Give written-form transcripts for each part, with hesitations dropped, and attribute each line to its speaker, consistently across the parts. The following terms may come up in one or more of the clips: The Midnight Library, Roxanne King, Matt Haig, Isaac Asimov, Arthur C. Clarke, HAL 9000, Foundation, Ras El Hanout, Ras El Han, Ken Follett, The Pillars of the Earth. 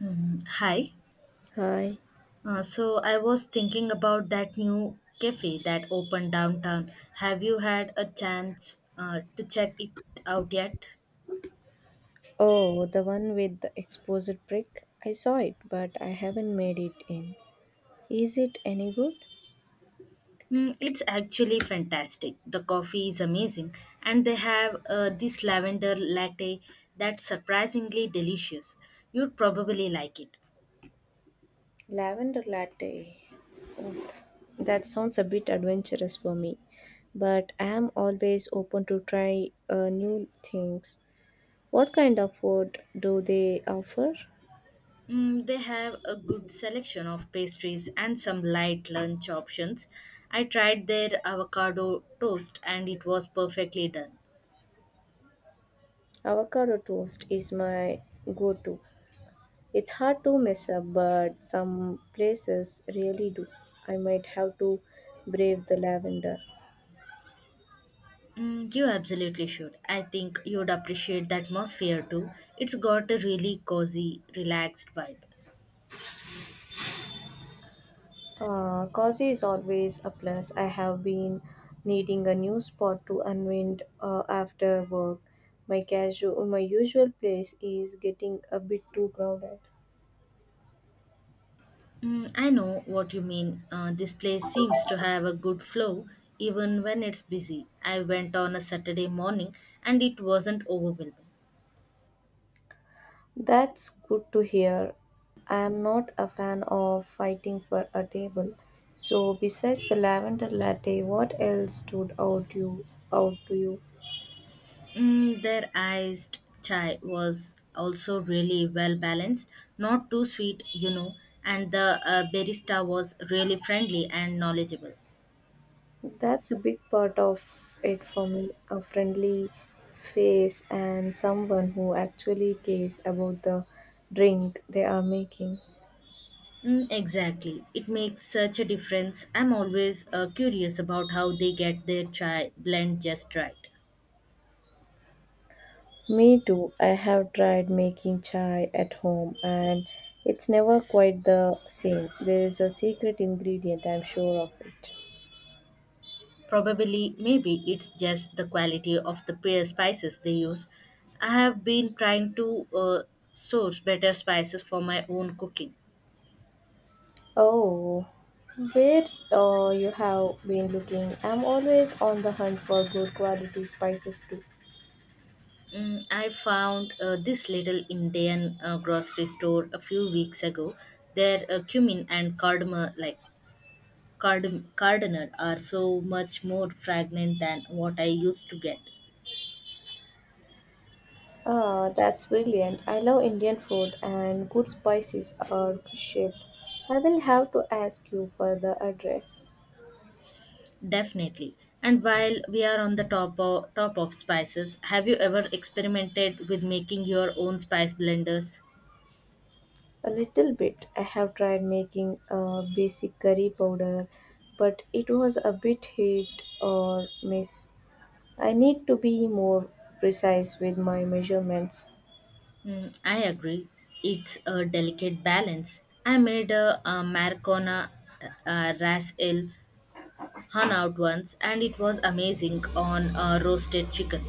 Speaker 1: Mm, hi.
Speaker 2: Hi.
Speaker 1: So I was thinking about that new cafe that opened downtown. Have you had a chance to check it out yet?
Speaker 2: Oh, the one with the exposed brick. I saw it, but I haven't made it in. Is it any good?
Speaker 1: Mm, it's actually fantastic. The coffee is amazing, and they have this lavender latte that's surprisingly delicious. You'd probably like it.
Speaker 2: Lavender latte. That sounds a bit adventurous for me, but I am always open to try new things. What kind of food do they offer?
Speaker 1: Mm, they have a good selection of pastries and some light lunch options. I tried their avocado toast and it was perfectly done.
Speaker 2: Avocado toast is my go to. It's hard to mess up, but some places really do. I might have to brave the lavender.
Speaker 1: Mm, you absolutely should. I think you'd appreciate the atmosphere too. It's got a really cozy, relaxed vibe.
Speaker 2: Cozy is always a plus. I have been needing a new spot to unwind after work. My usual place is getting a bit too crowded.
Speaker 1: Mm, I know what you mean. This place seems to have a good flow even when it's busy. I went on a Saturday morning and it wasn't overwhelming.
Speaker 2: That's good to hear. I am not a fan of fighting for a table. So, besides the lavender latte, what else stood out to you?
Speaker 1: Mm, their iced chai was also really well balanced, not too sweet, you know, and the barista was really friendly and knowledgeable.
Speaker 2: That's a big part of it for me, a friendly face and someone who actually cares about the drink they are making.
Speaker 1: Mm, exactly. It makes such a difference. I'm always curious about how they get their chai blend just right.
Speaker 2: Me too. I have tried making chai at home and it's never quite the same. There is a secret ingredient, I'm sure of it.
Speaker 1: Probably, maybe it's just the quality of the spices they use. I have been trying to source better spices for my own cooking.
Speaker 2: Oh, where you have been looking? I'm always on the hunt for good quality spices too.
Speaker 1: Mm, I found this little Indian grocery store a few weeks ago. Their cumin and cardamom, like cardinal, are so much more fragrant than what I used to get.
Speaker 2: Ah, that's brilliant. I love Indian food and good spices are crucial. I will have to ask you for the address.
Speaker 1: Definitely. And while we are on the top of spices, have you ever experimented with making your own spice blenders?
Speaker 2: A little bit. I have tried making a basic curry powder, but it was a bit hit or miss. I need to be more precise with my measurements.
Speaker 1: Mm, I agree. It's a delicate balance. I made a, Marcona Ras El Han out once and it was amazing on roasted chicken.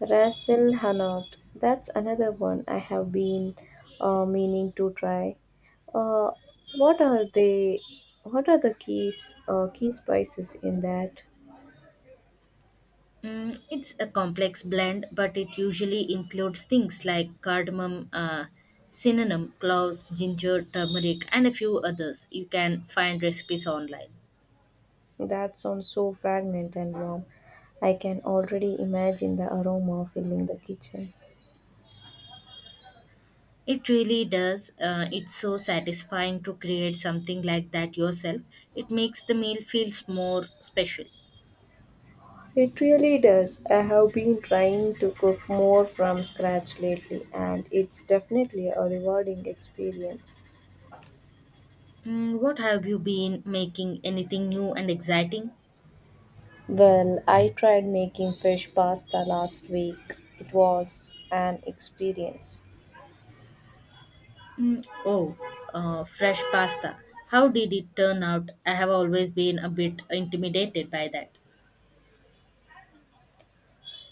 Speaker 2: Ras El Hanout. That's another one I have been meaning to try. Uh, what are they? What are the key spices in that?
Speaker 1: Mm, it's a complex blend, but it usually includes things like cardamom, cinnamon, cloves, ginger, turmeric, and a few others. You can find recipes online.
Speaker 2: That sounds so fragrant and warm. I can already imagine the aroma filling the kitchen.
Speaker 1: It really does. It's so satisfying to create something like that yourself. It makes the meal feels more special.
Speaker 2: It really does. I have been trying to cook more from scratch lately, and it's definitely a rewarding experience.
Speaker 1: Mm, what have you been making? Anything new and exciting?
Speaker 2: Well, I tried making fish pasta last week. It was an experience.
Speaker 1: Mm, oh, fresh pasta. How did it turn out? I have always been a bit intimidated by that.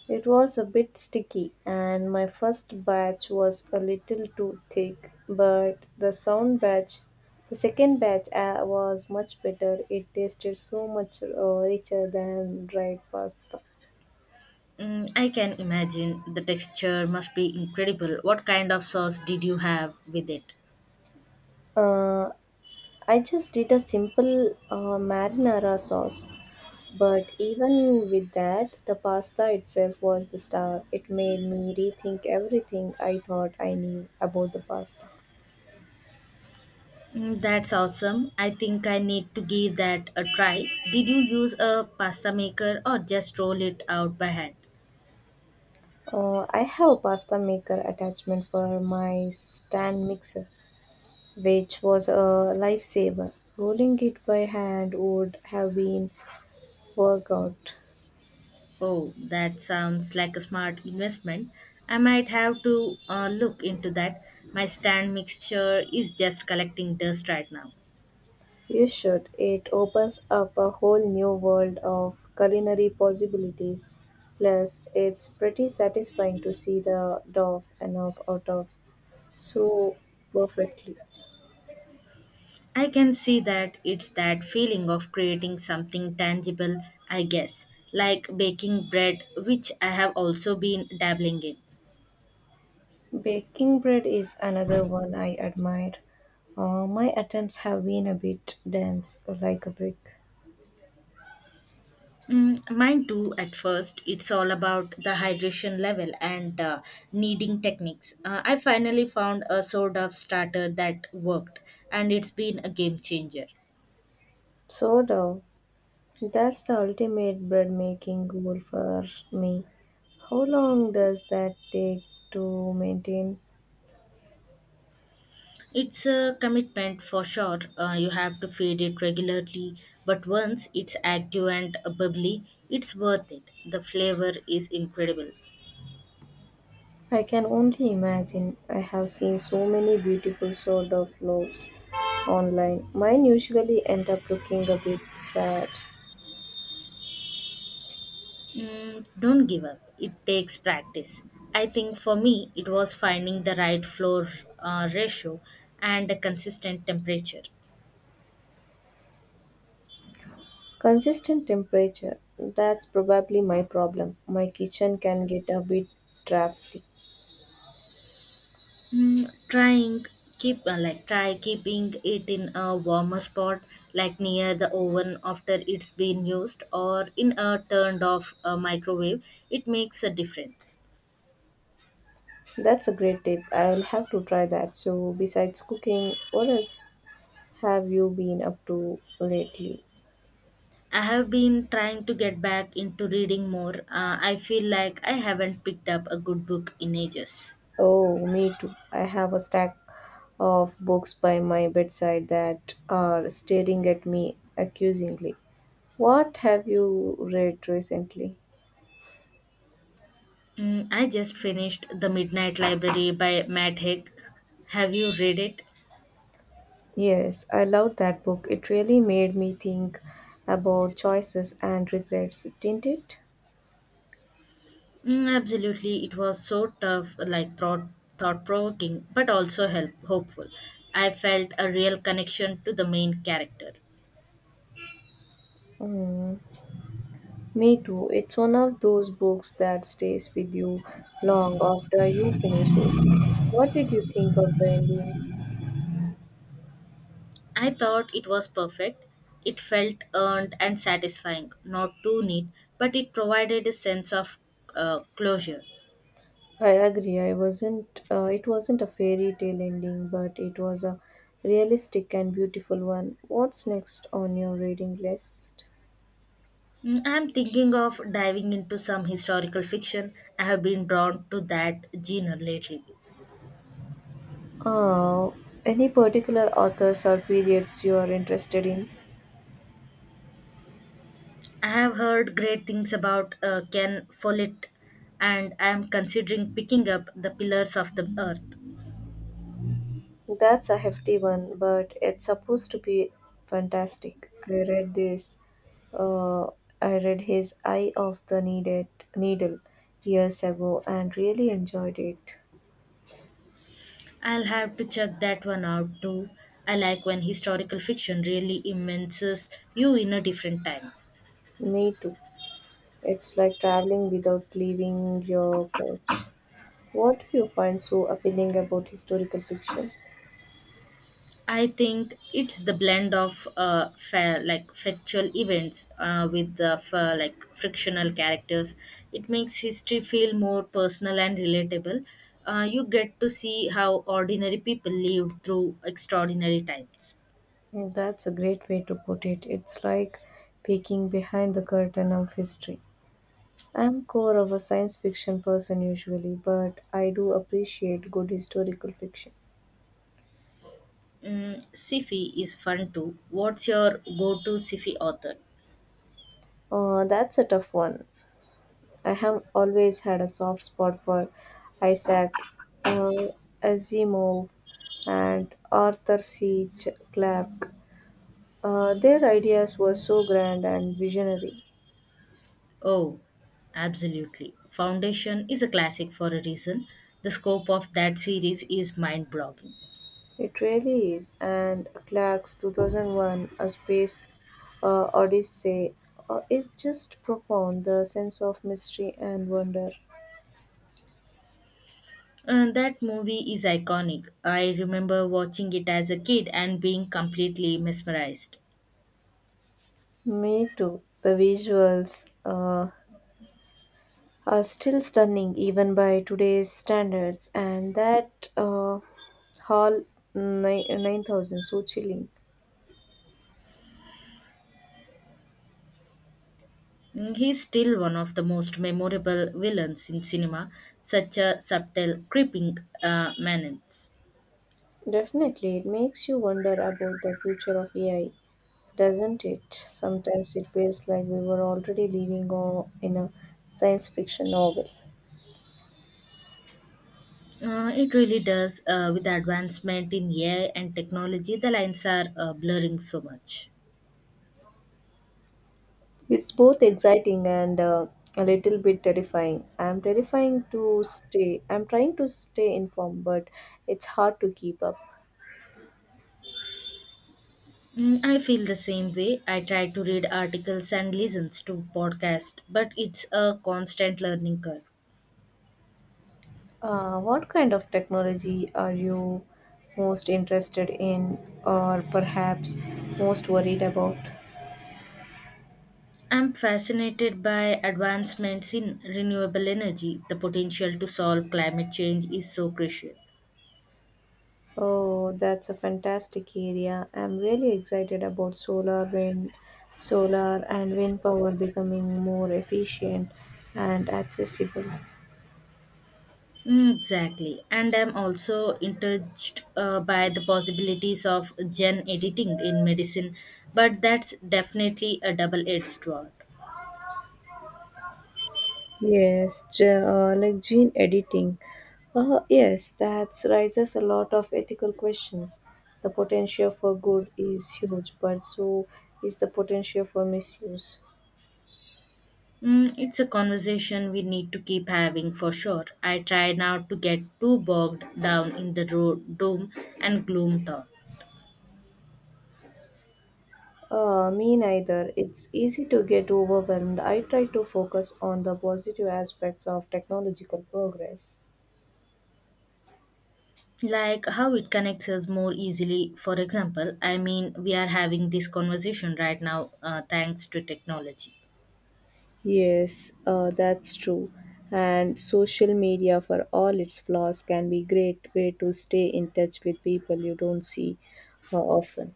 Speaker 2: It was a bit sticky, and my first batch was a little too thick, but the second batch was much better. It tasted so much richer than dried pasta.
Speaker 1: Mm, I can imagine the texture must be incredible. What kind of sauce did you have with it?
Speaker 2: Uh, I just did a simple marinara sauce, but even with that, the pasta itself was the star. It made me rethink everything I thought I knew about the pasta.
Speaker 1: Mm, that's awesome. I think I need to give that a try. Did you use a pasta maker or just roll it out by hand?
Speaker 2: I have a pasta maker attachment for my stand mixer, which was a lifesaver. Rolling it by hand would have been workout.
Speaker 1: Oh, that sounds like a smart investment. I might have to look into that. My stand mixture is just collecting dust right now.
Speaker 2: You should. It opens up a whole new world of culinary possibilities. Plus, it's pretty satisfying to see the dough enough out of so perfectly.
Speaker 1: I can see that it's that feeling of creating something tangible, I guess, like baking bread, which I have also been dabbling in.
Speaker 2: Baking bread is another one I admire. My attempts have been a bit dense, like a brick.
Speaker 1: Mm, mine too, at first, it's all about the hydration level and kneading techniques. I finally found a sort of starter that worked, and it's been a game changer.
Speaker 2: So, dough, that's the ultimate bread making goal for me. How long does that take to maintain?
Speaker 1: It's a commitment for sure. You have to feed it regularly, but once it's active and bubbly, it's worth it. The flavor is incredible.
Speaker 2: I can only imagine. I have seen so many beautiful sort of loaves online. Mine usually end up looking a bit sad.
Speaker 1: Mm, don't give up. It takes practice. I think for me, it was finding the right floor ratio and a consistent temperature.
Speaker 2: Consistent temperature. That's probably my problem. My kitchen can get a bit drafty.
Speaker 1: Mm, try keeping it in a warmer spot like near the oven after it's been used or in a turned off microwave it makes a difference.
Speaker 2: That's a great tip. I will have to try that. So, besides cooking, what else have you been up to lately?
Speaker 1: I have been trying to get back into reading more. I feel like I haven't picked up a good book in ages.
Speaker 2: Oh, me too. I have a stack of books by my bedside that are staring at me accusingly. What have you read recently?
Speaker 1: Mm, I just finished The Midnight Library by Matt Haig. Have you read it?
Speaker 2: Yes, I loved that book. It really made me think about choices and regrets, didn't it?
Speaker 1: Mm, absolutely, it was so tough, like thought provoking, but also help hopeful. I felt a real connection to the main character.
Speaker 2: Mm, me too. It's one of those books that stays with you long after you finish it. What did you think of the ending?
Speaker 1: I thought it was perfect. It felt earned and satisfying, not too neat, but it provided a sense of closure.
Speaker 2: I agree. I wasn't. It wasn't a fairy tale ending, but it was a realistic and beautiful one. What's next on your reading list?
Speaker 1: Mm, I'm thinking of diving into some historical fiction. I have been drawn to that genre lately.
Speaker 2: Uh, any particular authors or periods you are interested in?
Speaker 1: I have heard great things about Ken Follett, and I am considering picking up The Pillars of the Earth.
Speaker 2: That's a hefty one, but it's supposed to be fantastic. I read this. Uh, I read his Eye of the Needed Needle years ago and really enjoyed it.
Speaker 1: I'll have to check that one out too. I like when historical fiction really immerses you in a different time.
Speaker 2: Me too. It's like traveling without leaving your couch. What do you find so appealing about historical fiction?
Speaker 1: I think it's the blend of fair, like factual events with the frictional characters. It makes history feel more personal and relatable. You get to see how ordinary people lived through extraordinary times.
Speaker 2: Mm, that's a great way to put it. It's like peeking behind the curtain of history. I'm core of a science fiction person usually, but I do appreciate good historical fiction.
Speaker 1: Mm, Sifi is fun too. What's your go-to Sifi author?
Speaker 2: That's a tough one. I have always had a soft spot for Isaac uh, Asimov and Arthur C. Clarke. Their ideas were so grand and visionary.
Speaker 1: Oh, absolutely. Foundation is a classic for a reason. The scope of that series is mind-boggling.
Speaker 2: It really is. And Clark's 2001 A Space Odyssey is just profound, the sense of mystery and wonder.
Speaker 1: That movie is iconic. I remember watching it as a kid and being completely mesmerized.
Speaker 2: Me too. The visuals are still stunning even by today's standards, and that Hall ni- 9000, so chilling.
Speaker 1: Mm, he's still one of the most memorable villains in cinema, such a subtle, creeping menace.
Speaker 2: Definitely, it makes you wonder about the future of AI, doesn't it? Sometimes it feels like we were already living on, in a science fiction novel.
Speaker 1: It really does. With the advancement in AI and technology, the lines are blurring so much.
Speaker 2: It's both exciting and a little bit terrifying. I'm terrifying to stay. I'm trying to stay informed, but it's hard to keep up.
Speaker 1: Mm, I feel the same way. I try to read articles and listens to podcasts, but it's a constant learning curve.
Speaker 2: What kind of technology are you most interested in, or perhaps most worried about?
Speaker 1: I'm fascinated by advancements in renewable energy. The potential to solve climate change is so crucial.
Speaker 2: Oh, that's a fantastic area. I'm really excited about solar and wind power becoming more efficient and accessible.
Speaker 1: Mm, exactly. And I'm also intrigued by the possibilities of gene editing in medicine, but that's definitely a double edged sword.
Speaker 2: Yes, gene editing. Yes, that raises a lot of ethical questions. The potential for good is huge, but so is the potential for misuse.
Speaker 1: Mm, it's a conversation we need to keep having for sure. I try not to get too bogged down in the doom and gloom thought.
Speaker 2: Me neither. It's easy to get overwhelmed. I try to focus on the positive aspects of technological progress.
Speaker 1: Like how it connects us more easily for example. I mean we are having this conversation right now thanks to technology.
Speaker 2: Yes, that's true. And social media, for all its flaws, can be great way to stay in touch with people you don't see often.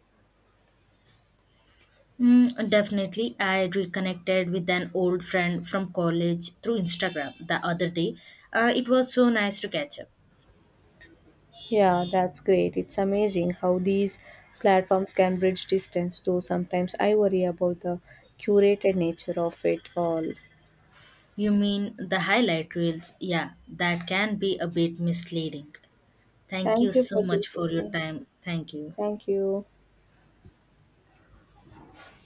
Speaker 1: Mm, definitely. I reconnected with an old friend from college through Instagram the other day. It was so nice to catch up.
Speaker 2: Yeah, that's great. It's amazing how these platforms can bridge distance, though sometimes I worry about the curated nature of it all.
Speaker 1: You mean the highlight reels? Yeah, that can be a bit misleading. Thank you
Speaker 2: Thank you
Speaker 1: so
Speaker 2: for
Speaker 1: much
Speaker 2: this
Speaker 1: for your
Speaker 2: session.
Speaker 1: time. Thank you.
Speaker 2: Thank you.